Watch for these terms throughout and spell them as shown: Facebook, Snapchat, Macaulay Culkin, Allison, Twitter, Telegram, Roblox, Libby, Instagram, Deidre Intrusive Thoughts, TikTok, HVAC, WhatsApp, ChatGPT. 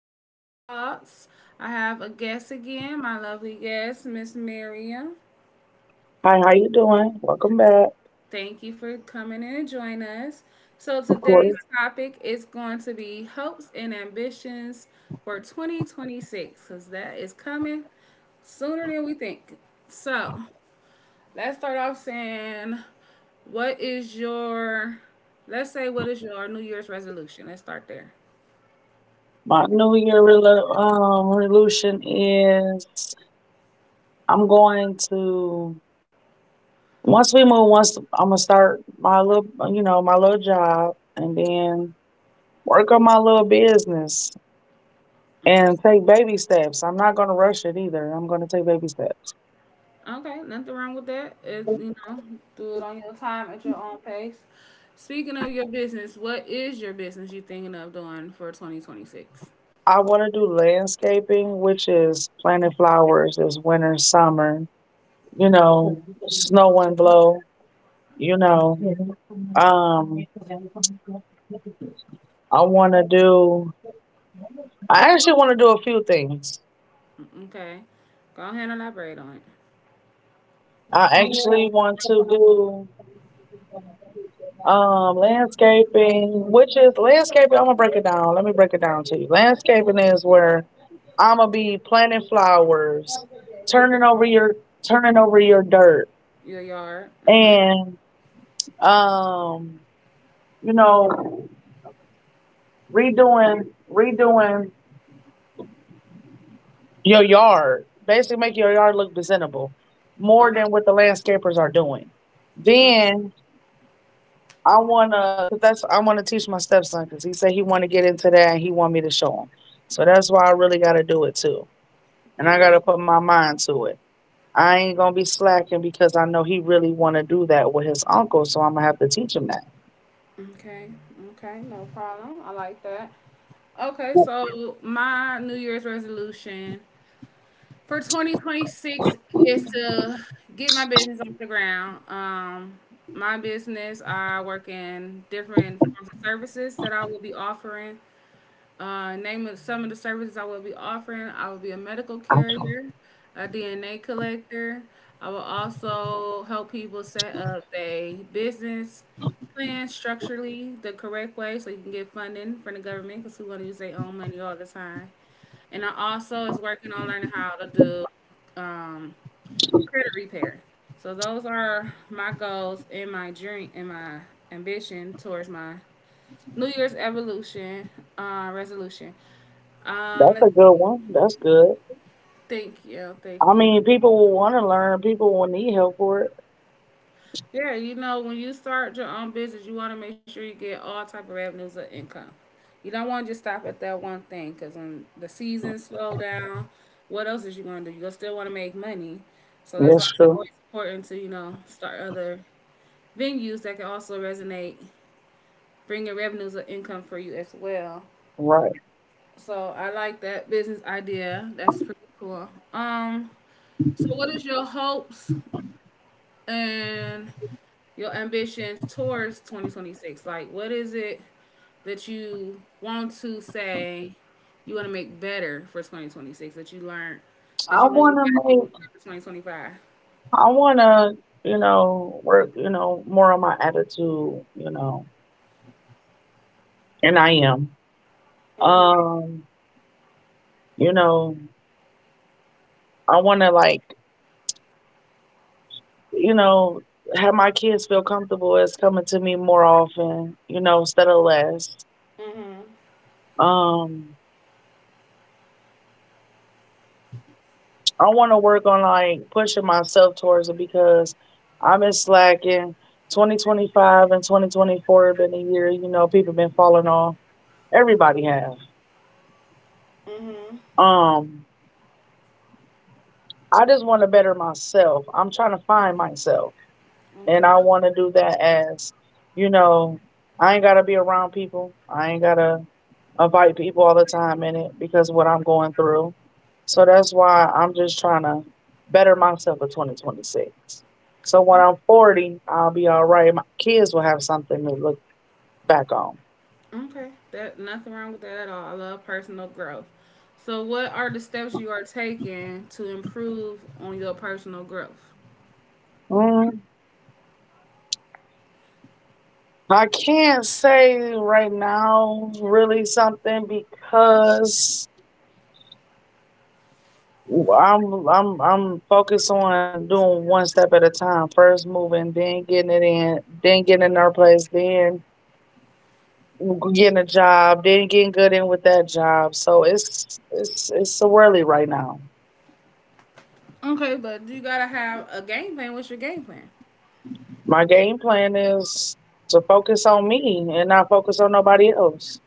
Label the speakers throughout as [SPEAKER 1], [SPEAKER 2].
[SPEAKER 1] Intrusive Thoughts. I have a guest again, my lovely guest, Miss Miriam.
[SPEAKER 2] Hi, how you doing? Welcome back.
[SPEAKER 1] Thank you for coming in and joining us. So,
[SPEAKER 2] Of
[SPEAKER 1] today's
[SPEAKER 2] course.
[SPEAKER 1] topic is going to be hopes and ambitions for 2026 because that is coming sooner than we think. So, let's start off saying, what is your, let's say, what is your New Year's resolution? Let's start there.
[SPEAKER 2] My New Year resolution is I'm going to once we move. Once I'm gonna start my little job, and then work on my little business
[SPEAKER 1] Okay.
[SPEAKER 2] and take baby steps. I'm not gonna rush it either. I'm gonna take baby steps.
[SPEAKER 1] Okay, nothing wrong with that. It, you know, do it on your time at your own pace. Speaking of your business, what is your business you thinking of doing for 2026?
[SPEAKER 2] I want to do landscaping, which is planting flowers this winter, summer. Snow and blow. You know, um. I want to do. I actually want to do a few things.
[SPEAKER 1] Okay, go ahead and elaborate on it.
[SPEAKER 2] I actually want to do landscaping, which is landscaping. I'm gonna break it down. Let me break it down to you. Landscaping is where I'm gonna be planting flowers, turning over your turning over your dirt,
[SPEAKER 1] Your yard. Uh
[SPEAKER 2] and um, you know, redoing redoing your yard. Basically, make your yard look presentable
[SPEAKER 1] huh.
[SPEAKER 2] more than what the landscapers are doing.
[SPEAKER 1] Oh,
[SPEAKER 2] Then I wanna teach my stepson, cause he said he wanna get into that and he want me to show him. So that's why I really gotta do it too, and I gotta
[SPEAKER 1] hmm.
[SPEAKER 2] put my mind to it. I ain't gonna be slacking because I know he really wanna do that with his uncle, so I'm gonna have to teach him that.
[SPEAKER 1] Okay. Okay. No problem. I like that. Okay. So my New Year's resolution for 2026 is to get my business off the ground. My business, I work in different forms of services that I will be offering. Name of some of the services I will be offering. I will be a medical carrier, a DNA collector. I will also help people set up their business plan structurally the correct way so you can get funding from the government because we want to use their own money all the time, and I also is working on learning how to do um, credit repair. So those are my goals and my dream and my ambition towards my New Year's evolution resolution. Um,
[SPEAKER 2] That's
[SPEAKER 1] let's,
[SPEAKER 2] a good one. That's good.
[SPEAKER 1] thank you, thank
[SPEAKER 2] I
[SPEAKER 1] you.
[SPEAKER 2] mean, people will wanna learn. People will need help for it.
[SPEAKER 1] Yeah, you know, when you start your own business, you want to make sure you get all type of revenues of income. You don't want to just stop at that one thing because when the seasons slow down, what else is you going to do? You still want to make money. So that's why
[SPEAKER 2] That's
[SPEAKER 1] it's
[SPEAKER 2] true.
[SPEAKER 1] always important to, you know, start other venues that can also resonate, bring in revenues of income for you as well.
[SPEAKER 2] Right.
[SPEAKER 1] So I like that business idea. That's pretty cool. So what is your hopes and your ambitions towards 2026? Like, what is it that you want to say you want to make better for 2026 that you learned, that
[SPEAKER 2] I
[SPEAKER 1] you want to get
[SPEAKER 2] wanna
[SPEAKER 1] better
[SPEAKER 2] make.
[SPEAKER 1] for 2025?
[SPEAKER 2] I wanna work. More on my attitude. You know, and I am.
[SPEAKER 1] Mhm.
[SPEAKER 2] Um. You know, I want to like, you know, have my kids feel comfortable as coming to me more often instead of less. Um, I want to work on like pushing myself towards it because I've been slacking. 2025 and 2024 have been a year people been falling off. Everybody have.
[SPEAKER 1] Mhm.
[SPEAKER 2] Um, I just want to better myself. I'm trying to find myself, and
[SPEAKER 1] Okay.
[SPEAKER 2] I want to do that you know, I ain't gotta be around people. I ain't gotta invite people all the time in it because of what I'm going through. So that's why I'm just trying to better myself in 2026. So when I'm 40, I'll be all right. My kids will have something to look back on.
[SPEAKER 1] Okay, that nothing wrong with that at all. I love personal growth. So what are the steps you are taking to improve on your personal growth?
[SPEAKER 2] Mm, I can't say right now really something because I'm focused on doing one step at a time. First moving, then getting it in, then getting in our place, then getting a job. Then getting good in with that job. So it's a whirly right now.
[SPEAKER 1] Okay, but you gotta have a game plan. What's your game plan?
[SPEAKER 2] My game plan is to focus on me and not focus on nobody else.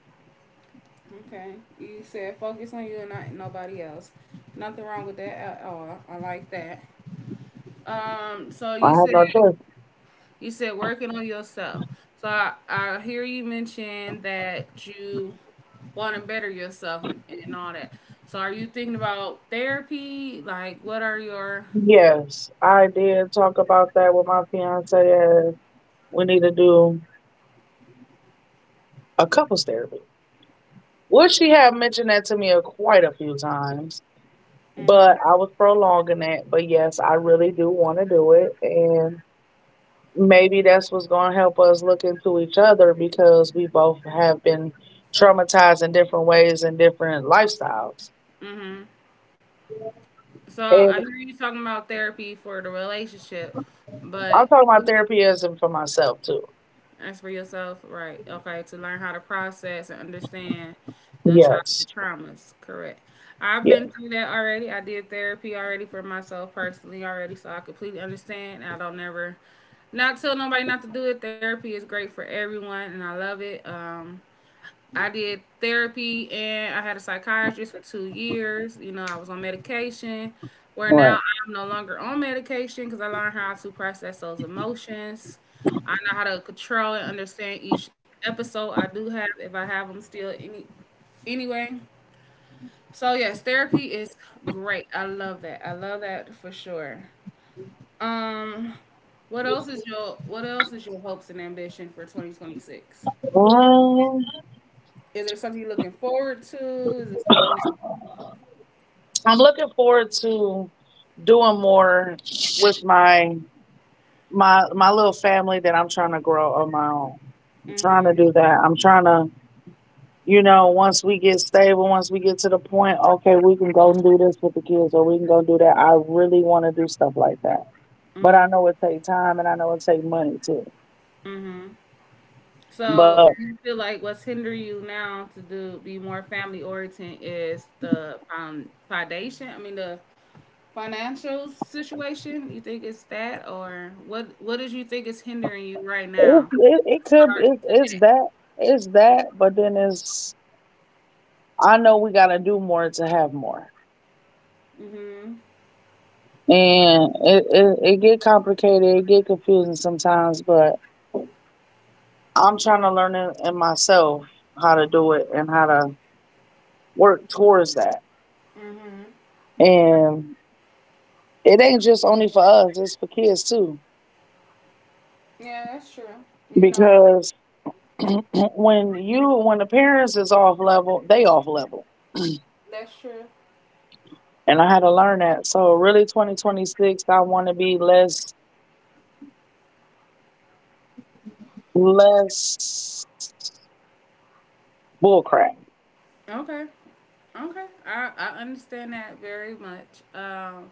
[SPEAKER 1] Okay. You said focus on you and not nobody else. Nothing wrong with that at all. I like that. So
[SPEAKER 2] I have no choice.
[SPEAKER 1] you said working on yourself. So I hear you mention that you want to better yourself, and all that. So are you thinking about therapy? Like, what are your
[SPEAKER 2] Yes, I did talk about that with my fiance. We need to do a couples therapy. Well, she had mentioned that to me quite a few times, but I was prolonging it. But yes, I really do want to do it, and maybe that's what's going to help us look into each other because we both have been traumatized in different ways and different lifestyles.
[SPEAKER 1] mhm. So I
[SPEAKER 2] And
[SPEAKER 1] hear you talking about therapy for the relationship,
[SPEAKER 2] I'm
[SPEAKER 1] but
[SPEAKER 2] talking about therapy as in for myself too.
[SPEAKER 1] as for yourself, right? Okay, to learn how to process and understand them
[SPEAKER 2] Yes.
[SPEAKER 1] childhood traumas. Correct. I've
[SPEAKER 2] Yeah.
[SPEAKER 1] been through that already. I did therapy already for myself personally already, so I completely understand. I don't never not tell nobody not to do it. Therapy is great for everyone, and I love it. I did therapy and I had a psychiatrist for 2 years. You know, I was on medication. Where
[SPEAKER 2] All right.
[SPEAKER 1] now I'm no longer on medication because I learned how to process those emotions. I know how to control and understand each episode I do have if I have them still any anyway. So yes, therapy is great. I love that. I love that for sure. Um, what else is your what else is your hopes and ambition for 2026?
[SPEAKER 2] Um,
[SPEAKER 1] Is there something you're looking forward to? Is it something
[SPEAKER 2] I'm looking forward to doing more with my little family that I'm trying to grow on my own. I'm trying to
[SPEAKER 1] Mhm.
[SPEAKER 2] do that. I'm trying to you know, Once we get stable, once we get to the point, okay, we can go and do this with the kids or we can go do that. I really want to do stuff like that. But I
[SPEAKER 1] Mm.
[SPEAKER 2] know it take time and I know it take money too.
[SPEAKER 1] Mhm.
[SPEAKER 2] But
[SPEAKER 1] So you feel like what's hindering you now to do be more family oriented is the foundation. I mean, the financial situation. You think it's that, or what? What does you think is hindering you right
[SPEAKER 2] it
[SPEAKER 1] now?
[SPEAKER 2] it, it could
[SPEAKER 1] Start
[SPEAKER 2] it,
[SPEAKER 1] today.
[SPEAKER 2] it's that, but then it's I know we got to do more to have more.
[SPEAKER 1] Mhm.
[SPEAKER 2] And it get complicated, it get confusing sometimes, but I'm trying to learn it in myself how to do it and how to work towards that.
[SPEAKER 1] Mhm.
[SPEAKER 2] And it ain't just only for us, it's for kids too.
[SPEAKER 1] Yeah, that's true. You know, that-
[SPEAKER 2] Because when the parents is off level, they off level.
[SPEAKER 1] that's true.
[SPEAKER 2] And I had to learn that. So really 2026 I wanna be less bullcrap.
[SPEAKER 1] Okay. Okay. I understand that very much.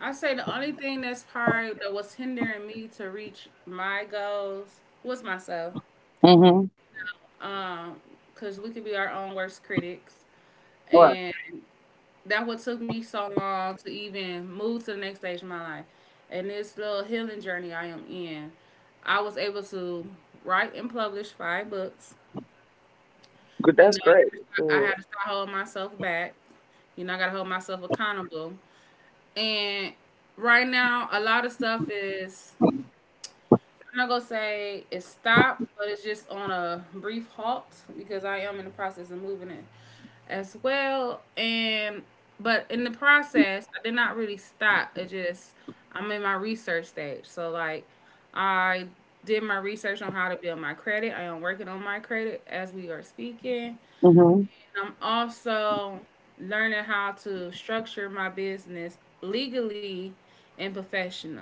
[SPEAKER 1] I say the only thing that's probably that was hindering me to reach my goals was myself.
[SPEAKER 2] Mm-hmm.
[SPEAKER 1] Um, cause we could be our own worst critics,
[SPEAKER 2] Right.
[SPEAKER 1] and that what took me so long to even move to the next stage of my life. And this little healing journey I am in, I was able to write and publish 5 books.
[SPEAKER 2] Good,
[SPEAKER 1] You
[SPEAKER 2] that's
[SPEAKER 1] know,
[SPEAKER 2] great.
[SPEAKER 1] I had to start holding myself back. You know, I got to hold myself accountable. And right now, a lot of stuff is I'm not gonna say it's stopped, but it's just on a brief halt because I am in the process of moving it as well. And but in the process, I did not really stop. It just I'm in my research stage. So like I did my research on how to build my credit. I am working on my credit as we are speaking.
[SPEAKER 2] Mm-hmm.
[SPEAKER 1] And I'm also learning how to structure my business legally and professional.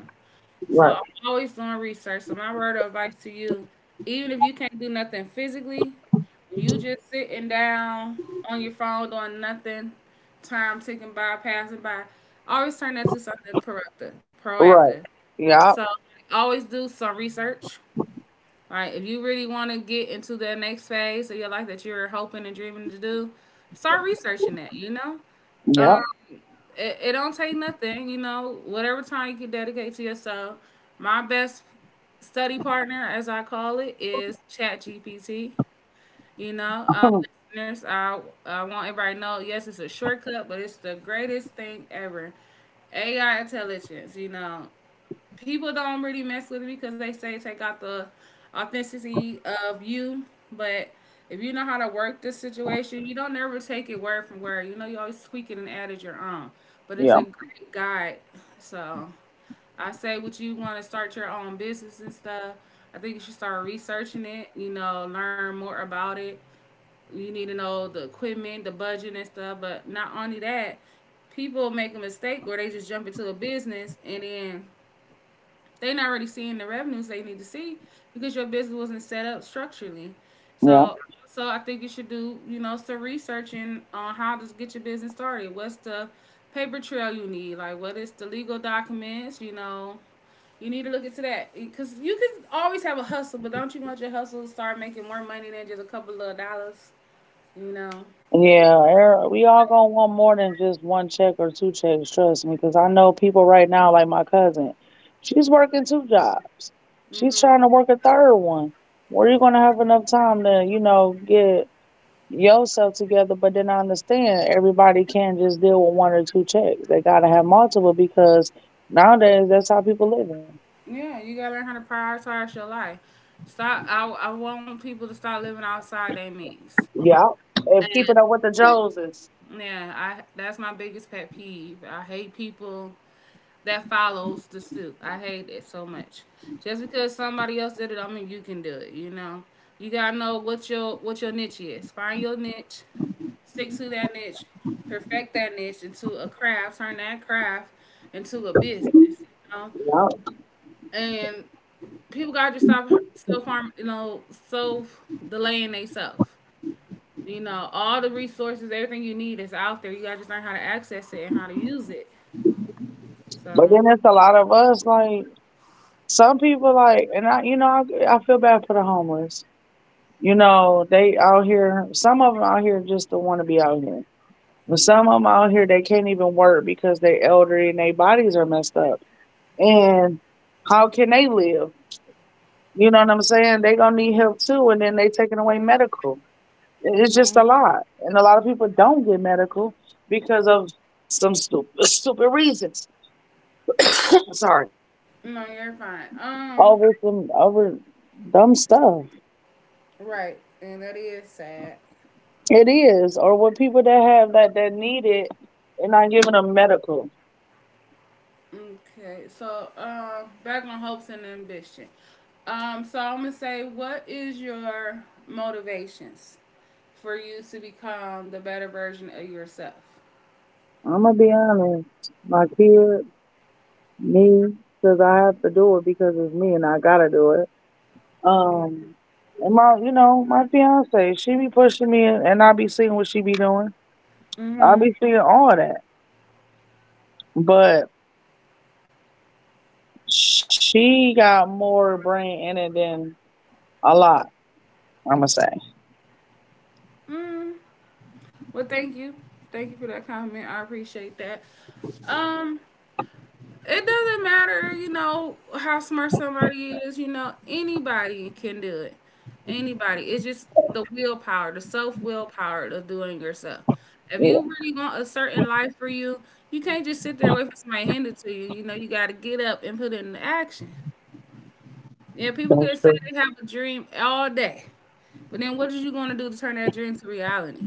[SPEAKER 1] So
[SPEAKER 2] Right.
[SPEAKER 1] I'm always doing research. So my word of advice to you, even if you can't do nothing physically, when you just sitting down on your phone doing nothing, time ticking by, passing by, always turn that to something proactive. Proactive.
[SPEAKER 2] Right. Yeah.
[SPEAKER 1] So always do some research. Right, if you really want to get into the next phase of your life that you're hoping and dreaming to do, start researching that. You know, um,
[SPEAKER 2] Yeah.
[SPEAKER 1] it, it don't take nothing, you know, whatever time you can dedicate to yourself. My best study partner, as I call it, is ChatGPT. You know, listeners, I want everybody to know, yes, it's a shortcut, but it's the greatest thing ever. AI intelligence, you know, people don't really mess with it because they say take out the authenticity of you. But if you know how to work this situation, you don't ever take it word from word. You know, you always tweak it and add it your own. But it's
[SPEAKER 2] Yeah.
[SPEAKER 1] a great guide. So I say, would you want to start your own business and stuff? I think you should start researching it. You know, learn more about it. You need to know the equipment, the budget, and stuff. But not only that, people make a mistake where they just jump into a business and then they're not really seeing the revenues they need to see because your business wasn't set up structurally.
[SPEAKER 2] Yeah.
[SPEAKER 1] So, so, I think you should do, you know, some researching on how to get your business started. What's the paper trail you need? Like, what is the legal documents? You know, you need to look into that because you can always have a hustle, but don't you want your hustle to start making more money than just a couple of dollars? You know, the,
[SPEAKER 2] Yeah, we all gonna want more than just one check or two checks. Trust me, because I know people right now, like my cousin, she's working two jobs. She's trying to work a third one. Where you gonna have enough time to get yourself together? But then I understand everybody can't just deal with one or two checks. They gotta have multiple because nowadays that's how people living.
[SPEAKER 1] yeah, you gotta learn how to prioritize your life. Stop. I want people to start living outside their means.
[SPEAKER 2] Yeah, if
[SPEAKER 1] And
[SPEAKER 2] keeping up with the Joneses.
[SPEAKER 1] yeah, I that's my biggest pet peeve. I hate people that follows the suit. I hate it so much. Just because somebody else did it, I mean you can do it. You know, you gotta know what your niche is. Find your niche, stick to that niche, perfect that niche into a craft, turn that craft into a business. You know,
[SPEAKER 2] Yeah,
[SPEAKER 1] and people gotta just stop self harm. You know, self delaying themselves. You know, all the resources, everything you need is out there. You gotta just learn how to access it and how to use it.
[SPEAKER 2] but
[SPEAKER 1] So,
[SPEAKER 2] then it's a lot of us like. Some people like, and I, you know, I feel bad for the homeless. They out here. Some of them out here just don't want to be out here. But some of them out here, they can't even work because they elderly and their bodies are messed up. And how can they live? You know what I'm saying? They gonna need help too, and then they taking away medical. It's
[SPEAKER 1] hmm,
[SPEAKER 2] just a lot, and a lot of people don't get medical because of some stupid, stupid reasons. Sorry,
[SPEAKER 1] no, you're fine.
[SPEAKER 2] over dumb stuff.
[SPEAKER 1] Right, and that is sad.
[SPEAKER 2] It is, or with people that have that need it, they're not giving them medical.
[SPEAKER 1] Okay, so back on hopes and ambition. So I'm gonna say, what is your motivations for you to become the better version of yourself?
[SPEAKER 2] I'm gonna be honest, my kid, me, because I have to do it because it's me and I gotta do it. Um, and my fiance, she be pushing me, and I be seeing what she be doing. I be seeing all that, but she got more brain in it than a lot. I'm gonna say,
[SPEAKER 1] Mm, well, thank you for that comment. I appreciate that. Um, It doesn't matter, you know, how smart somebody is, you know, anybody can do it. Anybody. It's just the willpower, the self willpower of doing yourself. If
[SPEAKER 2] yeah,
[SPEAKER 1] you really want a certain life for you, you can't just sit there and wait for somebody to hand it to you. You know, you got to get up and put it into action. Yeah, people can
[SPEAKER 2] that's
[SPEAKER 1] say
[SPEAKER 2] true.
[SPEAKER 1] they have a dream all day, but then what are you going to do to turn that dream to reality?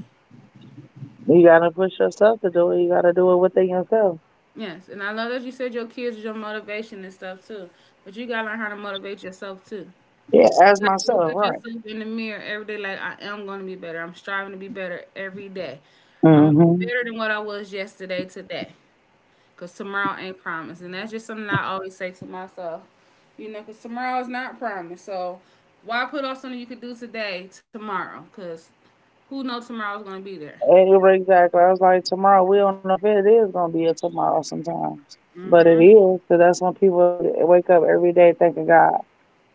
[SPEAKER 2] You gotta push yourself to do it. You gotta do it within yourself.
[SPEAKER 1] Yes, and I love that you said your kids is your motivation and stuff too, but you got to learn how to motivate yourself too.
[SPEAKER 2] Yeah, as
[SPEAKER 1] Like, look
[SPEAKER 2] myself,
[SPEAKER 1] at
[SPEAKER 2] right.
[SPEAKER 1] yourself in the mirror every day like I am going to be better. I'm striving to be better every day. I'm
[SPEAKER 2] Mm-hmm.
[SPEAKER 1] better than what I was yesterday today, because tomorrow ain't promised, and that's just something I always say to myself. You know, because tomorrow is not promised, so why put off something you could do today tomorrow, because who knows tomorrow's going to be there?
[SPEAKER 2] Exactly. I was like, tomorrow, we don't know if it is going to be a tomorrow sometimes. But it
[SPEAKER 1] Mm-hmm.
[SPEAKER 2] is, because that's when people wake up every day thanking God.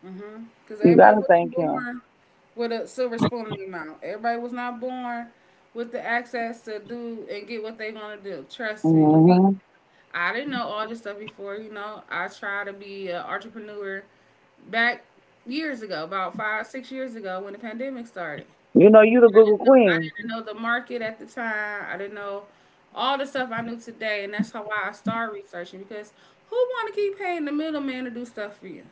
[SPEAKER 1] Mm-hmm. Because
[SPEAKER 2] You
[SPEAKER 1] everybody
[SPEAKER 2] got to
[SPEAKER 1] wasn't
[SPEAKER 2] thank Him.
[SPEAKER 1] born with a silver spoon in their mouth. Everybody was not born with the access to do and get what they want to do, trust me. We
[SPEAKER 2] Hmm.
[SPEAKER 1] I didn't know all this stuff before. You know, I tried to be an entrepreneur back years ago, about five, 6 years ago when the pandemic started.
[SPEAKER 2] You know, you the Google
[SPEAKER 1] Didn't know, I
[SPEAKER 2] Queen.
[SPEAKER 1] didn't know the market at the time. I didn't know all the stuff I knew today, and that's how why I started researching, because who want to keep paying the middleman to do stuff for you?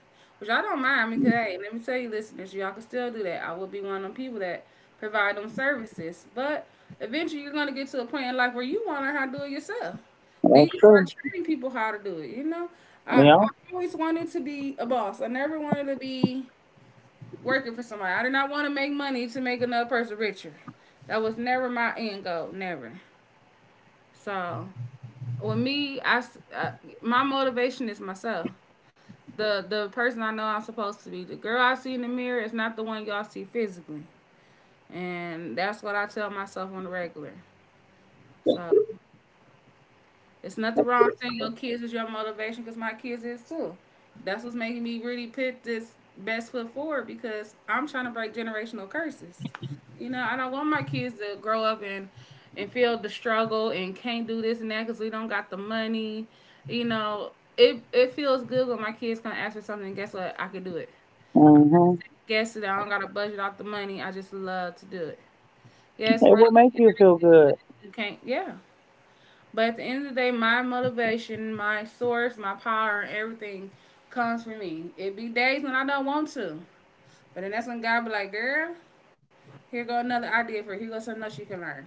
[SPEAKER 1] Which I don't mind, because hey, let me tell you, listeners, y'all can still do that. I will be one of them people that provide them services, but eventually you're gonna get to a point in life where you want to learn how to do it yourself. Then you
[SPEAKER 2] That's
[SPEAKER 1] can start
[SPEAKER 2] true.
[SPEAKER 1] training people how to do it. You know, I
[SPEAKER 2] Yeah.
[SPEAKER 1] always wanted to be a boss. I never wanted to be working for somebody. I did not want to make money to make another person richer. That was never my end goal, never. So with me, I uh, my motivation is myself. The person I know I'm supposed to be. The girl I see in the mirror is not the one y'all see physically, and that's what I tell myself on the regular. So it's nothing wrong saying your kids is your motivation, because my kids is too. That's what's making me really put this best foot forward, because I'm trying to break generational curses. You know, I don't want my kids to grow up and feel the struggle and can't do this and that because we don't got the money. You know, it feels good when my kids come ask for something, and guess what? I can do it.
[SPEAKER 2] Hmm.
[SPEAKER 1] Guess that I don't got to budget out the money. I just love to do it. Yes,
[SPEAKER 2] It
[SPEAKER 1] money
[SPEAKER 2] will make you feel good.
[SPEAKER 1] you can't. Yeah, but at the end of the day, my motivation, my source, my power, and everything comes from me. It be days when I don't want to, but then that's when God be like, "Girl, here go another idea for you. Here go something else you can learn."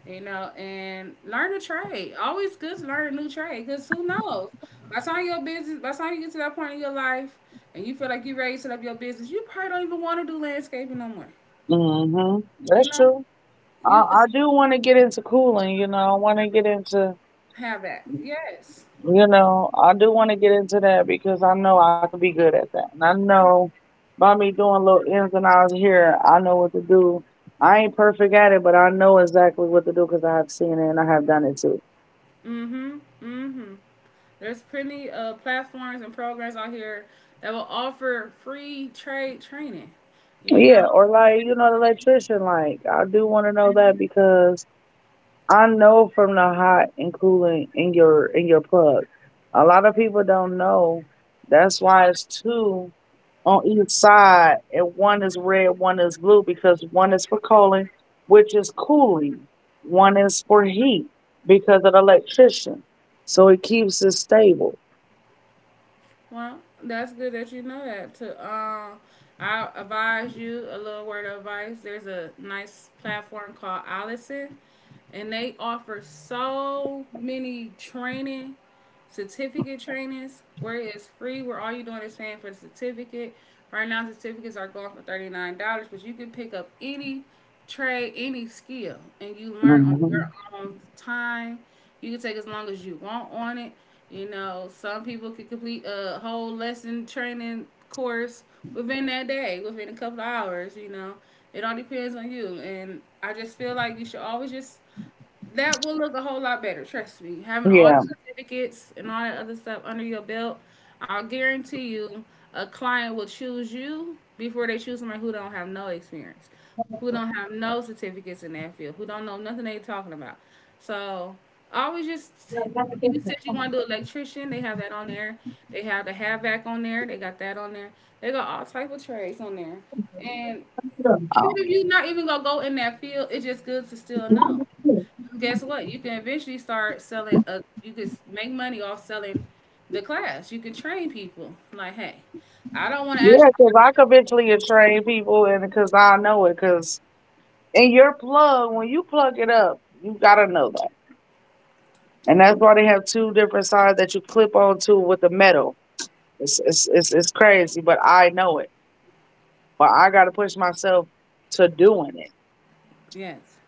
[SPEAKER 1] You know, and learn a trade. Always good to learn a new trade, cause who knows? By the time your business, by the time you get to that point in your life, and you feel like you're ready to set up your business, you probably don't even want to do landscaping no more.
[SPEAKER 2] Hmm.
[SPEAKER 1] You
[SPEAKER 2] That's
[SPEAKER 1] know,
[SPEAKER 2] true. I,
[SPEAKER 1] you
[SPEAKER 2] I do want to get into cooling. I want to get into.
[SPEAKER 1] have that. Yes.
[SPEAKER 2] You know, I do want to get into that because I know I could be good at that. And I know by me doing little ins and outs here, I know what to do. I ain't perfect at it, but I know exactly what to do because I have seen it and I have done it too.
[SPEAKER 1] Mm-hmm. Mm-hmm. There's plenty of platforms and programs out here that will offer free trade training. You know,
[SPEAKER 2] Yeah, or like
[SPEAKER 1] depends
[SPEAKER 2] the
[SPEAKER 1] on.
[SPEAKER 2] electrician, like, I do want to know that because I know from the hot and cooling in your plug. A lot of people don't know. That's why it's two on each side, and one is red, one is blue, because one is for calling, which is cooling, one is for heat, because of the electrician. So it keeps it stable.
[SPEAKER 1] Well, that's good that you know that. To I advise you a little word of advice. There's a nice platform called Allison, and they offer so many training, certificate trainings where it's free. Where all you're doing is paying for the certificate. Right now, certificates are going for $39, but you can pick up any trade, any skill, and you learn on
[SPEAKER 2] Hmm.
[SPEAKER 1] your own time. You can take as long as you want on it. You know, some people could complete a whole lesson training course within that day, within a couple of hours, you know. It all depends on you. And I just feel like you should always just that will look a whole lot better, trust me. Having all the
[SPEAKER 2] Yeah.
[SPEAKER 1] certificates and all that other stuff under your belt, I'll guarantee you a client will choose you before they choose somebody who don't have no experience, who don't have no certificates in that field, who don't know nothing they talking about. So always just you said you want to do electrician, they have that on there. They have the HVAC on there, they got that on there. They got all type of trades on there. And even
[SPEAKER 2] Um,
[SPEAKER 1] if you're not even gonna go in that field, it's just good to still know guess what? You can eventually start selling. A, you could make money off selling the class. You can train people. Like, hey, I don't want to
[SPEAKER 2] yeah,
[SPEAKER 1] actually.
[SPEAKER 2] because I could eventually train people, and because I know it, because in your plug, when you plug it up, you got to know that. And that's why they have two different sides that you clip onto with the metal. It's crazy, but I know it. But I got to push myself to doing it.
[SPEAKER 1] Yes.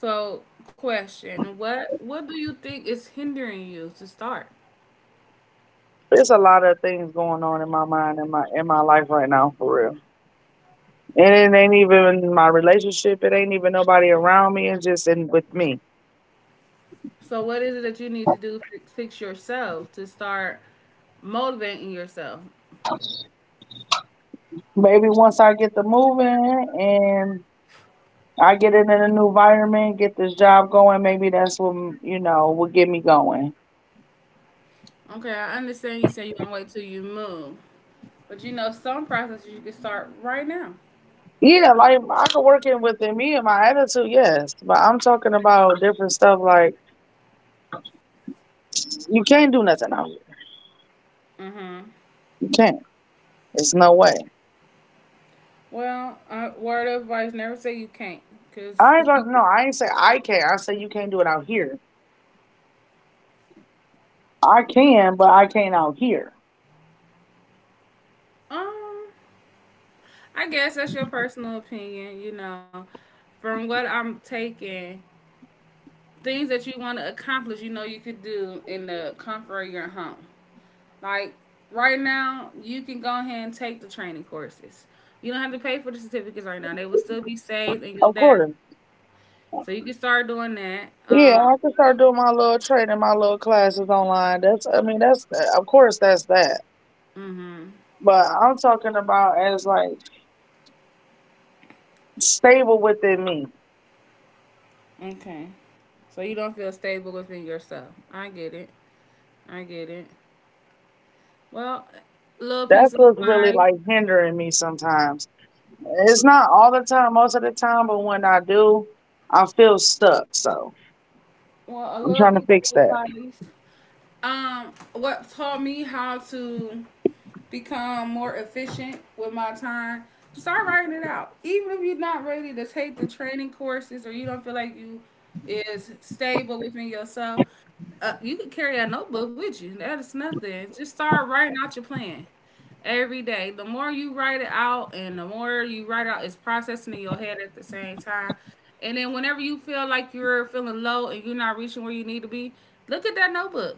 [SPEAKER 1] So, question: What do you think is hindering you to start?
[SPEAKER 2] There's a lot of things going on in my mind and my in my life right now for real. And it ain't even my relationship. It ain't even nobody around me. It's just in with me.
[SPEAKER 1] So, what is it that you need to do to fix yourself to start motivating yourself?
[SPEAKER 2] Maybe once I get the moving and I get in a new environment, get this job going, maybe that's what will get me going.
[SPEAKER 1] Okay, I understand you say you want to wait till you move, but you know some processes you can start right now.
[SPEAKER 2] Yeah, like I could work in within me and my attitude, yes. But I'm talking about different stuff like you can't do nothing out here.
[SPEAKER 1] Mm-hmm.
[SPEAKER 2] You can't. There's no way.
[SPEAKER 1] Well, word of advice: never say you can't, because
[SPEAKER 2] I ain't gonna, no, I ain't say I can't. I say you can't do it out here. I can, but I can't out here.
[SPEAKER 1] um, I guess that's your personal opinion. You know, from what I'm taking, things that you want to accomplish, you know, you could do in the comfort of your home. Like right now, you can go ahead and take the training courses. You don't have to pay for the certificates right now; they will still be saved in your
[SPEAKER 2] Of
[SPEAKER 1] dash.
[SPEAKER 2] course.
[SPEAKER 1] So you can start doing that.
[SPEAKER 2] Yeah, I can start doing my little training, my little classes online. That's, I mean, that's, of course, that's that.
[SPEAKER 1] Mm-hmm.
[SPEAKER 2] But I'm talking about as like stable within me.
[SPEAKER 1] Okay. So you don't feel stable within yourself. I get it. I get it. Well, a little
[SPEAKER 2] That's
[SPEAKER 1] piece of
[SPEAKER 2] what's really
[SPEAKER 1] advice.
[SPEAKER 2] like hindering me sometimes. It's not all the time, most of the time, but when I do, I feel stuck. So
[SPEAKER 1] Well, a
[SPEAKER 2] I'm
[SPEAKER 1] little
[SPEAKER 2] trying to
[SPEAKER 1] piece
[SPEAKER 2] fix
[SPEAKER 1] of
[SPEAKER 2] that.
[SPEAKER 1] advice. What taught me how to become more efficient with my time? Start writing it out. Even if you're not ready to take the training courses or you don't feel like you is stable within yourself, you could carry a notebook with you. That is nothing. Just start writing out your plan every day. The more you write it out and the more you write out, it's processing in your head at the same time. And then whenever you feel like you're feeling low and you're not reaching where you need to be, look at that notebook.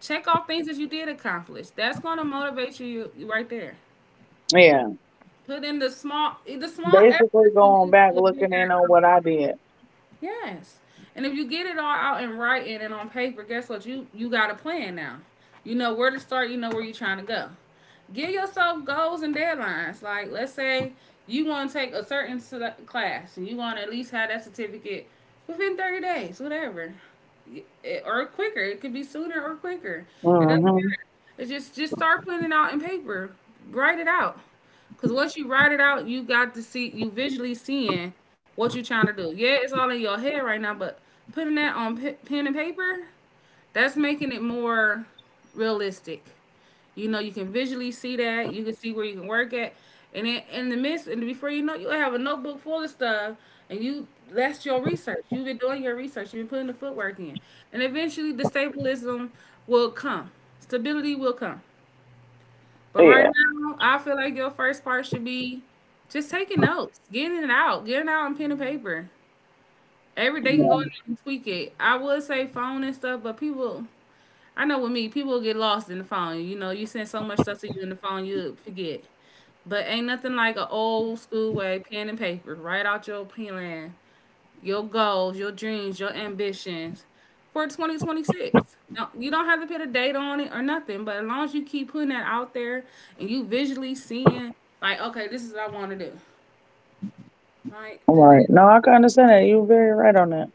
[SPEAKER 1] Check off things that you did accomplish. That's going to motivate you right there.
[SPEAKER 2] Yeah.
[SPEAKER 1] Put in the small
[SPEAKER 2] Basically
[SPEAKER 1] efforts you
[SPEAKER 2] going
[SPEAKER 1] need
[SPEAKER 2] back,
[SPEAKER 1] to a
[SPEAKER 2] looking in
[SPEAKER 1] bigger
[SPEAKER 2] on
[SPEAKER 1] outcome.
[SPEAKER 2] what I did.
[SPEAKER 1] Yes. And if you get it all out in writing and on paper, guess what? You got a plan now. You know where to start, you know where you're trying to go. Give yourself goals and deadlines. Like let's say you want to take a certain class and you want to at least have that certificate within 30 days, whatever. It- or quicker. It could be sooner or quicker. It doesn't
[SPEAKER 2] Mm-hmm.
[SPEAKER 1] matter. It's just start putting it out in paper. Write it out. Cause once you write it out, you got to see you visually seeing what you're trying to do. Yeah, it's all in your head right now, but putting that on pe- pen and paper, that's making it more realistic. You know, you can visually see that. You can see where you can work at, and then in the midst, and before you know, it, you have a notebook full of stuff, and you that's your research. You've been doing your research. You've been putting the footwork in, and eventually the stabilism will come. Stability will come. But
[SPEAKER 2] Yeah.
[SPEAKER 1] right now, I feel like your first part should be just taking notes, getting it out, getting out on pen and paper. Every day you can go
[SPEAKER 2] Yeah.
[SPEAKER 1] in there and tweak it. I would say phone and stuff, but people, I know with me, people get lost in the phone. You know, you send so much stuff to you in the phone, you forget. But ain't nothing like an old school way, pen and paper. Write out your plan, your goals, your dreams, your ambitions for 2026. Now, you don't have to put a date on it or nothing, but as long as you keep putting that out there and you visually seeing, like, okay, this is what I want to do. Like, th-
[SPEAKER 2] Right. No, I can understand that. You're very right on that.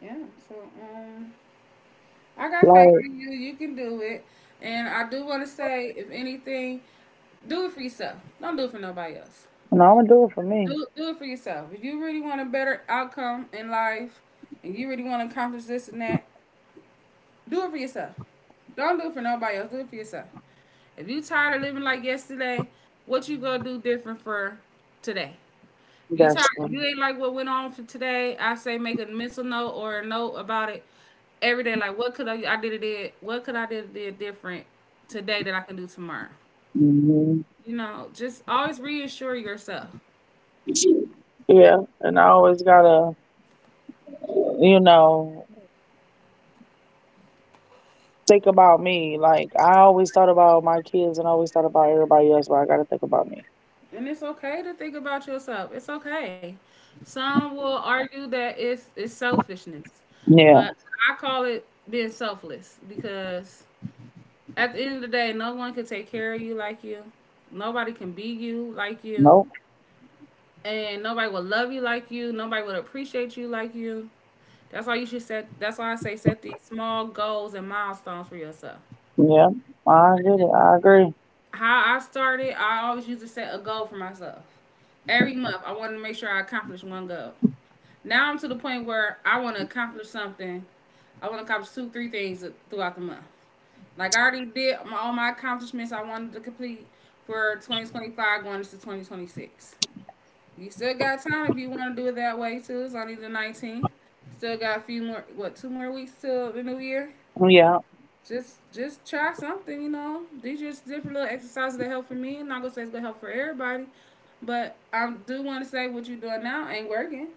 [SPEAKER 1] yeah. So, um, I got faith
[SPEAKER 2] Like,
[SPEAKER 1] in you. You can do it. And I do want to say, if anything, do it for yourself. Don't do it for nobody else.
[SPEAKER 2] no, I'm gonna do it for me.
[SPEAKER 1] Do it for yourself. If you really want a better outcome in life and you really want to accomplish this and that, do it for yourself. Don't do it for nobody else. Do it for yourself. If you tired of living like yesterday, what you gonna do different for today? If you tired?
[SPEAKER 2] That's
[SPEAKER 1] If
[SPEAKER 2] true.
[SPEAKER 1] you ain't like what went on for today, I say make a mental note or a note about it every day. Like what could I did it did what could I did different today that I can do tomorrow?
[SPEAKER 2] Hmm.
[SPEAKER 1] You know, just always reassure yourself.
[SPEAKER 2] Yeah, and I always gotta, you know, think about me. Like I always thought about my kids, and always thought about everybody else, but I gotta think about me.
[SPEAKER 1] And it's okay to think about yourself. It's okay. Some will argue that it's selfishness,
[SPEAKER 2] Yeah.
[SPEAKER 1] but I call it being selfless because at the end of the day, no one can take care of you like you. Nobody can be you like you,
[SPEAKER 2] Nope.
[SPEAKER 1] and nobody will love you like you. Nobody will appreciate you like you. That's why you should set. That's why I say set these small goals and milestones for yourself.
[SPEAKER 2] Yeah. I get it. I agree.
[SPEAKER 1] How I started, I always used to set a goal for myself every month. I wanted to make sure I accomplished one goal. Now I'm to the point where I want to accomplish something. I want to accomplish two, three things throughout the month. Like I already did all my accomplishments I wanted to complete for 2025 going into 2026. You still got time if you want to do it that way too. It's only the 19th. Still got a few more, what, two more weeks till the new year.
[SPEAKER 2] Yeah.
[SPEAKER 1] Just try something, you know. These are just different little exercises that help for me. I'm not gonna say it's gonna help for everybody, but I do want to say what you're doing now ain't working.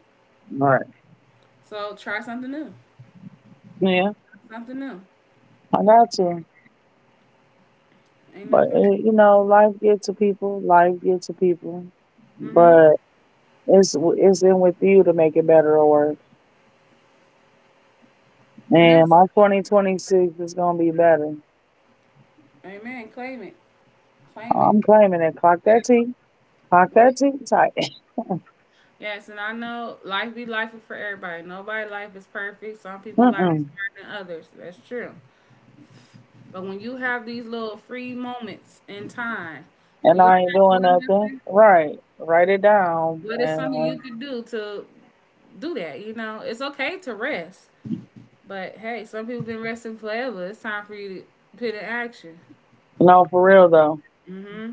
[SPEAKER 2] Right.
[SPEAKER 1] So try something new.
[SPEAKER 2] Yeah.
[SPEAKER 1] Something new.
[SPEAKER 2] I got to.
[SPEAKER 1] Ain't
[SPEAKER 2] But
[SPEAKER 1] nothing.
[SPEAKER 2] you know, life get to people. Life get to people.
[SPEAKER 1] Mm-hmm.
[SPEAKER 2] But it's in with you to make it better or worse.
[SPEAKER 1] And
[SPEAKER 2] And
[SPEAKER 1] that's
[SPEAKER 2] my 2026 is gonna be better.
[SPEAKER 1] amen. Claim it. Claim it.
[SPEAKER 2] I'm claiming it. Clock
[SPEAKER 1] Yes.
[SPEAKER 2] that T. Clock
[SPEAKER 1] Yes.
[SPEAKER 2] that T tight.
[SPEAKER 1] Yes, and I know life be life for everybody. Nobody life is perfect. Some people life is
[SPEAKER 2] Mm-mm.
[SPEAKER 1] better than others. That's true. But when you have these little free moments in time where
[SPEAKER 2] And
[SPEAKER 1] you're
[SPEAKER 2] I ain't
[SPEAKER 1] not
[SPEAKER 2] doing
[SPEAKER 1] doing
[SPEAKER 2] nothing.
[SPEAKER 1] nothing,
[SPEAKER 2] Right. Write it down.
[SPEAKER 1] what is
[SPEAKER 2] And
[SPEAKER 1] something you could do to do that? You know, it's okay to rest. But hey, some people been resting forever. It's time for you to put in action.
[SPEAKER 2] no, for real though.
[SPEAKER 1] Mm-hmm.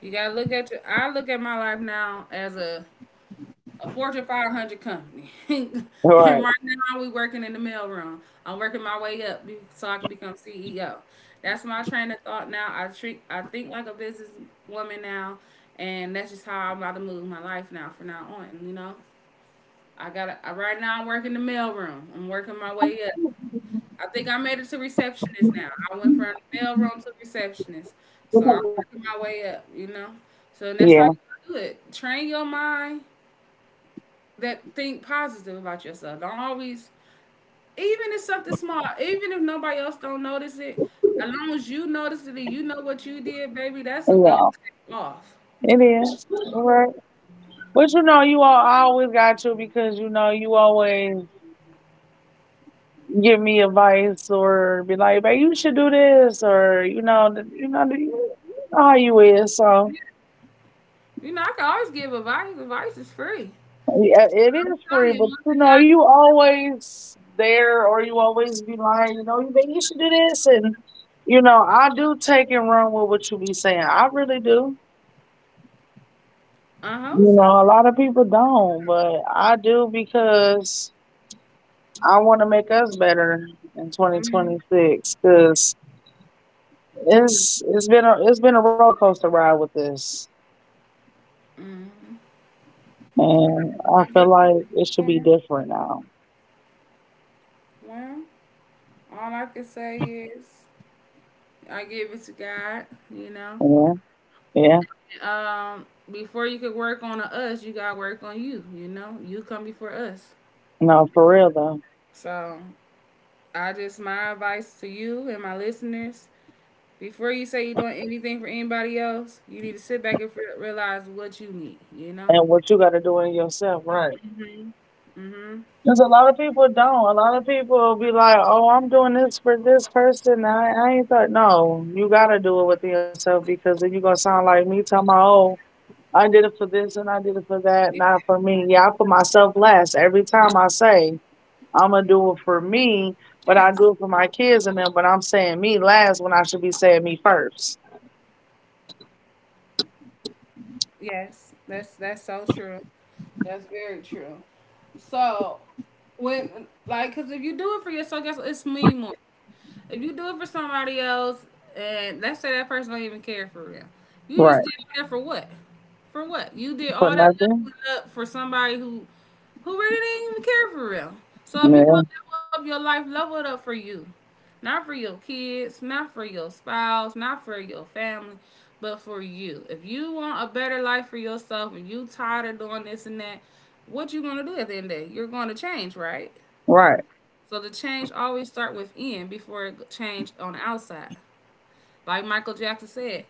[SPEAKER 1] You gotta look at your. I look at my life now as a Fortune 500 company, and right
[SPEAKER 2] Right.
[SPEAKER 1] now we working in the mailroom. I'm working my way so I can become CEO. That's my train of thought now. I treat. I think like a businesswoman now, and that's just how I'm about to move my life now. From now on, you know, I gotta. I, right now I'm working the mailroom. I'm working my way. I think I made it to receptionist now. I went from the mail room to receptionist. So I'm working my way up, you know? So that's how you
[SPEAKER 2] Yeah.
[SPEAKER 1] do it. Train your mind that think positive about yourself. Don't always, even if something small, even if nobody else don't notice it, as long as you notice it and you know what you did, baby, that's a go
[SPEAKER 2] Yeah.
[SPEAKER 1] off.
[SPEAKER 2] It is. Right. But you know, you all I always got you because you know you always give me advice or be like, "Babe, you should do this," or you know, you know, you know how you is. So
[SPEAKER 1] You know, I can always give advice. Advice is free.
[SPEAKER 2] yeah, it
[SPEAKER 1] I'm
[SPEAKER 2] is free,
[SPEAKER 1] telling you,
[SPEAKER 2] but
[SPEAKER 1] one
[SPEAKER 2] you
[SPEAKER 1] thing
[SPEAKER 2] know, you always there or you always be lying, you know, you think you should do this and you know, I do take and run with what you be saying. I really do.
[SPEAKER 1] I.
[SPEAKER 2] You
[SPEAKER 1] What's up?
[SPEAKER 2] know, a lot of people don't, but I do because I want to make us better in
[SPEAKER 1] Mm-hmm.
[SPEAKER 2] 2026 cuz it's been it's been a roller coaster ride with this.
[SPEAKER 1] Mm-hmm.
[SPEAKER 2] And I
[SPEAKER 1] I get
[SPEAKER 2] feel
[SPEAKER 1] it.
[SPEAKER 2] like it should be different now.
[SPEAKER 1] Well, all I can say is I give it to God, you know.
[SPEAKER 2] Yeah. Yeah.
[SPEAKER 1] Before you could work on a us, you gotta work on you, you know. You come before us.
[SPEAKER 2] No, for real though.
[SPEAKER 1] So I just my advice to you and my listeners, before you say you're doing anything for anybody else, you need to sit back and realize what you need, you know?
[SPEAKER 2] And what you got to do in yourself, right?
[SPEAKER 1] Hmm. Hmm.
[SPEAKER 2] Because a lot of people don't. A lot of people be like, "Oh, I'm doing this for this person." I ain't thought. No, you got to do it within yourself because then you gonna sound like me talking about, "Oh, I did it for this and I did it for that, not for me." Yeah, I put myself last every time I say I'm gonna do it for me, but I
[SPEAKER 1] Yes.
[SPEAKER 2] do it for my kids and them. But I'm saying me last when I should be saying me first.
[SPEAKER 1] Yes. That's so true. That's very true. So when like cause if you do it for yourself, guess what? It's me more. If you do it for somebody else, and let's say that person don't even care for real, you just
[SPEAKER 2] Right.
[SPEAKER 1] did that for what? For what? You did
[SPEAKER 2] For
[SPEAKER 1] all that
[SPEAKER 2] nothing.
[SPEAKER 1] up for somebody who really didn't even care for real. So if you
[SPEAKER 2] Yeah.
[SPEAKER 1] gonna level up your life, level it up for you, not for your kids, not for your spouse, not for your family, but for you. If you want a better life for yourself, and you tired of doing this and that, what you gonna do at the end of the day? You're gonna change, right?
[SPEAKER 2] Right.
[SPEAKER 1] So the change always start within before it change on the outside. Like Michael Jackson said,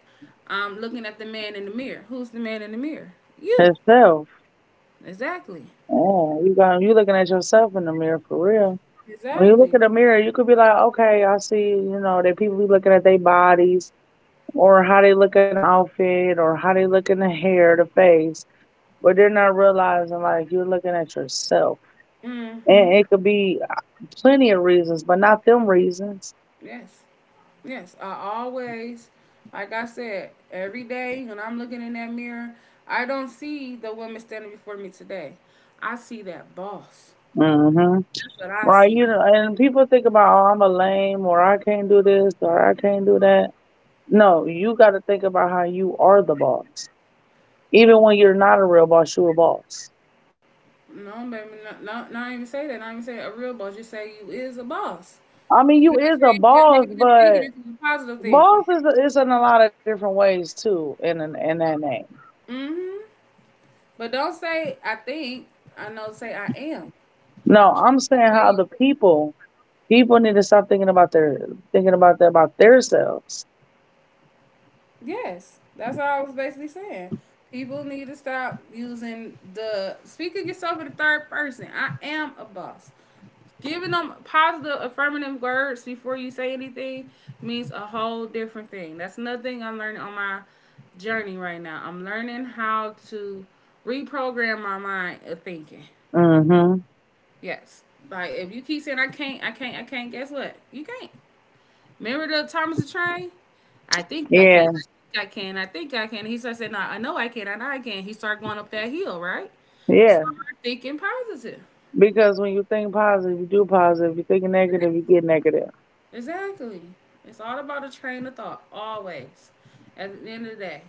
[SPEAKER 1] I'm looking at the man in the mirror. Who's the man in the mirror? You.
[SPEAKER 2] Itself.
[SPEAKER 1] Exactly.
[SPEAKER 2] Yeah, you got you looking at yourself in the mirror for real. When you look
[SPEAKER 1] Exactly.
[SPEAKER 2] in the mirror, you could be like, okay, I see, you know, that people be looking at their bodies or how they look in the outfit or how they look in the hair, the face, but they're not realizing like you're looking at yourself, and
[SPEAKER 1] Mm-hmm.
[SPEAKER 2] it could be plenty of reasons, but not them reasons.
[SPEAKER 1] Yes. Yes. I always, like I said, every day when I'm looking in that mirror, I don't see the woman standing before me today. I see that boss.
[SPEAKER 2] Hmm.
[SPEAKER 1] That's what I
[SPEAKER 2] Right?
[SPEAKER 1] see.
[SPEAKER 2] You know, and people think about, oh, I'm a lame or I can't do this or I can't do that. No, you got to think about how you are the boss. Even when you're not a real boss, you a boss.
[SPEAKER 1] No, baby, no, no, not even say that. Not even say a real boss. Just say you is a boss.
[SPEAKER 2] I mean,
[SPEAKER 1] You
[SPEAKER 2] you
[SPEAKER 1] gotta
[SPEAKER 2] is a
[SPEAKER 1] change that
[SPEAKER 2] boss,
[SPEAKER 1] negative thinking
[SPEAKER 2] but
[SPEAKER 1] into positive thinking.
[SPEAKER 2] boss is in a lot of different ways too. In that name,
[SPEAKER 1] Hmm. But don't say I think. I know. Say I am.
[SPEAKER 2] no, I'm
[SPEAKER 1] Change the
[SPEAKER 2] saying
[SPEAKER 1] way
[SPEAKER 2] how
[SPEAKER 1] you
[SPEAKER 2] the
[SPEAKER 1] think.
[SPEAKER 2] people people need to stop thinking about their thinking about that about themselves.
[SPEAKER 1] Yes, that's all I was basically saying. People need to stop using the speaking yourself in the third person. I am a boss. Giving them positive, affirmative words before you say anything means a whole different thing. That's another thing I'm learning on my journey right now. I'm learning how to reprogram my mind of thinking.
[SPEAKER 2] Mm-hmm.
[SPEAKER 1] Yes. Like if you keep saying I can't, guess what? You can't. Remember the Thomas the Train? I think I
[SPEAKER 2] Yeah,
[SPEAKER 1] can. I can. I think I can. He started saying, no, I know I can. He started going up that hill, right?
[SPEAKER 2] yeah.
[SPEAKER 1] Start thinking positive.
[SPEAKER 2] Because when you think positive, you do positive. You think negative, you get negative.
[SPEAKER 1] Exactly. It's all about a train of thought, always. At the end of the day.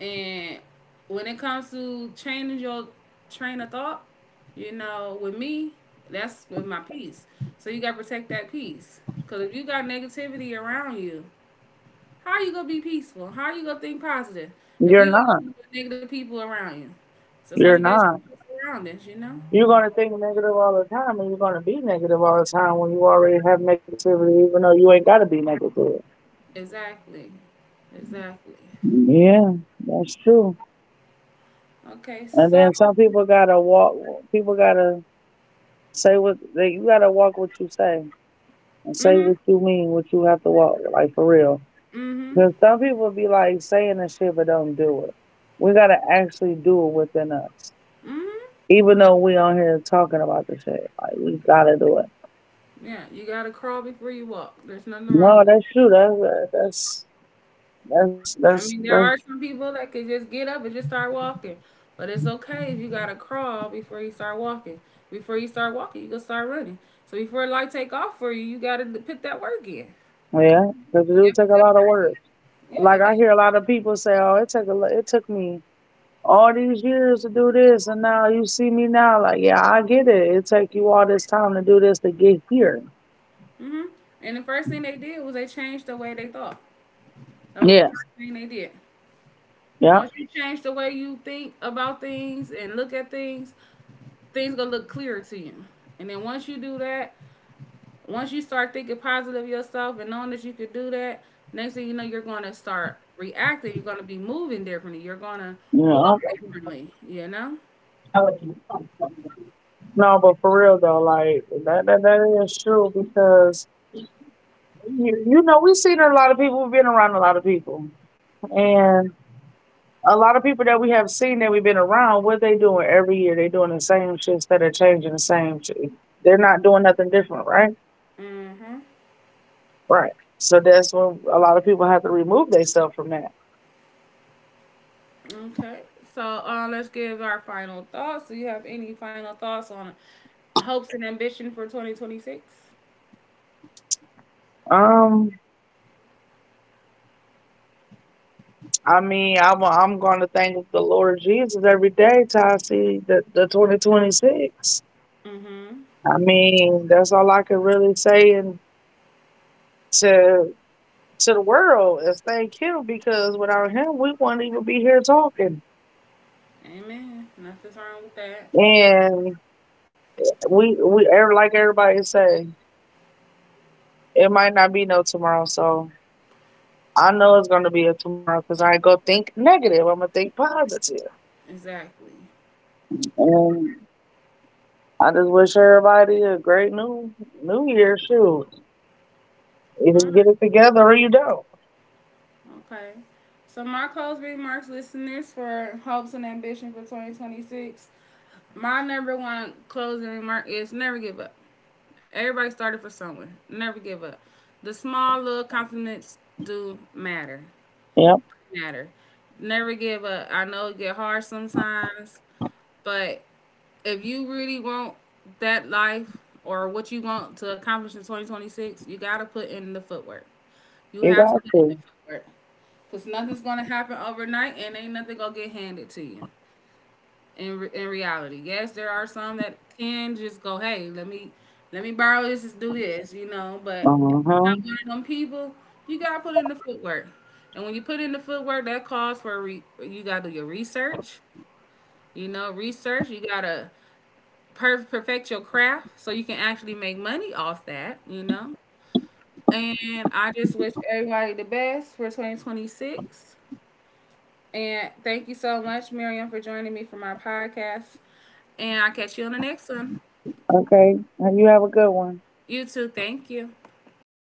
[SPEAKER 1] And when it comes to changing your train of thought, you know, with me, that's with my peace. So you gotta protect that peace. Cause if you got negativity around you, how you gonna be peaceful? How you gonna think positive if
[SPEAKER 2] You're
[SPEAKER 1] you got
[SPEAKER 2] not.
[SPEAKER 1] negative people around you? So sometimes you
[SPEAKER 2] You're
[SPEAKER 1] gotta
[SPEAKER 2] not.
[SPEAKER 1] change your surroundings, you know.
[SPEAKER 2] You're gonna think negative all the time, and you're gonna be negative all the time when you already have negativity, even though you ain't gotta be negative.
[SPEAKER 1] Exactly, exactly.
[SPEAKER 2] Yeah, that's true.
[SPEAKER 1] Okay,
[SPEAKER 2] And
[SPEAKER 1] so
[SPEAKER 2] then some people gotta walk. People gotta say what they. You gotta walk what you say and say
[SPEAKER 1] mhm,
[SPEAKER 2] what you mean. What you have to walk like for real.
[SPEAKER 1] mhm,
[SPEAKER 2] Because some people be like saying this shit but don't do it. We gotta actually do it within us.
[SPEAKER 1] mhm.
[SPEAKER 2] Even though we on here talking about the shit, like we gotta do it.
[SPEAKER 1] Yeah, you gotta crawl before you walk. There's nothing
[SPEAKER 2] No,
[SPEAKER 1] wrong.
[SPEAKER 2] that's true. That's that's that's
[SPEAKER 1] I
[SPEAKER 2] that's,
[SPEAKER 1] mean, there
[SPEAKER 2] that's
[SPEAKER 1] are some people that can just get up and just start walking, but it's okay if you gotta crawl before you start walking. Before you start walking, you gonna start running. So before light take off for you, you gotta put that work in.
[SPEAKER 2] yeah. Because it
[SPEAKER 1] You
[SPEAKER 2] do
[SPEAKER 1] gotta
[SPEAKER 2] take
[SPEAKER 1] put
[SPEAKER 2] a
[SPEAKER 1] that
[SPEAKER 2] lot of
[SPEAKER 1] work
[SPEAKER 2] work.
[SPEAKER 1] in. Yeah,
[SPEAKER 2] Like
[SPEAKER 1] it does.
[SPEAKER 2] I hear a lot of people say, "Oh, it took it took me" all these years to do this and now you see me now. Like, yeah, I get it, it take you all this time to do this to get here.
[SPEAKER 1] Mhm. And the first thing they did was they changed the way they thought. That was the
[SPEAKER 2] Yeah.
[SPEAKER 1] first thing they did.
[SPEAKER 2] Yeah.
[SPEAKER 1] Once you change the way you think about things and look at things, things gonna look clearer to you. And then once you do that, once you start thinking positive of yourself and knowing that you could do that, next thing you know, you're going to start reacting. You're going to be moving differently. You're going to walk
[SPEAKER 2] Yeah,
[SPEAKER 1] differently, you know?
[SPEAKER 2] no, but for real though, like that is true because you know we've seen a lot of people, we've been around a lot of people, and a lot of people that we have seen that we've been around, what they doing every year they doing the same shit instead of changing the same shit, they're not doing nothing different. Right.
[SPEAKER 1] Mm-hmm.
[SPEAKER 2] Right. So that's when a lot of people have to remove themselves from that.
[SPEAKER 1] Okay. So let's give our final thoughts. Do you have any final thoughts on hopes and ambition for 2026?
[SPEAKER 2] Um, I mean, I'm going to thank the Lord Jesus every day till I see the 2026.
[SPEAKER 1] Mm-hmm.
[SPEAKER 2] I mean, that's all I can really say, and to to the world is thank Him because without Him, we wouldn't even be here talking.
[SPEAKER 1] Amen. Nothing's wrong with that.
[SPEAKER 2] And we like everybody say, it might not be no tomorrow. So I know it's going to be a tomorrow because I ain't gonna think negative. I'm gonna think positive.
[SPEAKER 1] Exactly.
[SPEAKER 2] And I just wish everybody a great new New Year. Shoot. Either you
[SPEAKER 1] All
[SPEAKER 2] get it together or you don't.
[SPEAKER 1] right. Okay. So my closing remarks, listeners, for hopes and ambition for 2026. My number one closing remark is never give up. Everybody started for somewhere. Never give up. The small little compliments do matter.
[SPEAKER 2] Yep,
[SPEAKER 1] Matter. Never give up. I know it get hard sometimes, but if you really want that life or what you want to accomplish in 2026, you got to put in the footwork. You
[SPEAKER 2] you
[SPEAKER 1] have to
[SPEAKER 2] got
[SPEAKER 1] put in the
[SPEAKER 2] to.
[SPEAKER 1] footwork because nothing's going to happen overnight and ain't nothing going to get handed to you. In reality. Yes, there are some that can just go, hey, let me borrow this, just do this, you know. But
[SPEAKER 2] Uh
[SPEAKER 1] if you're
[SPEAKER 2] huh.
[SPEAKER 1] not one of them people, you gotta put in the footwork. And when you put in the footwork, that calls for you gotta do your research. You know, research. You gotta perfect your craft so you can actually make money off that. You know. And I just wish everybody the best for 2026. And thank you so much, Miriam, for joining me for my podcast. And I'll catch you on the next one.
[SPEAKER 2] Okay. Now you have a good one.
[SPEAKER 1] You too. Thank you.
[SPEAKER 2] Bye.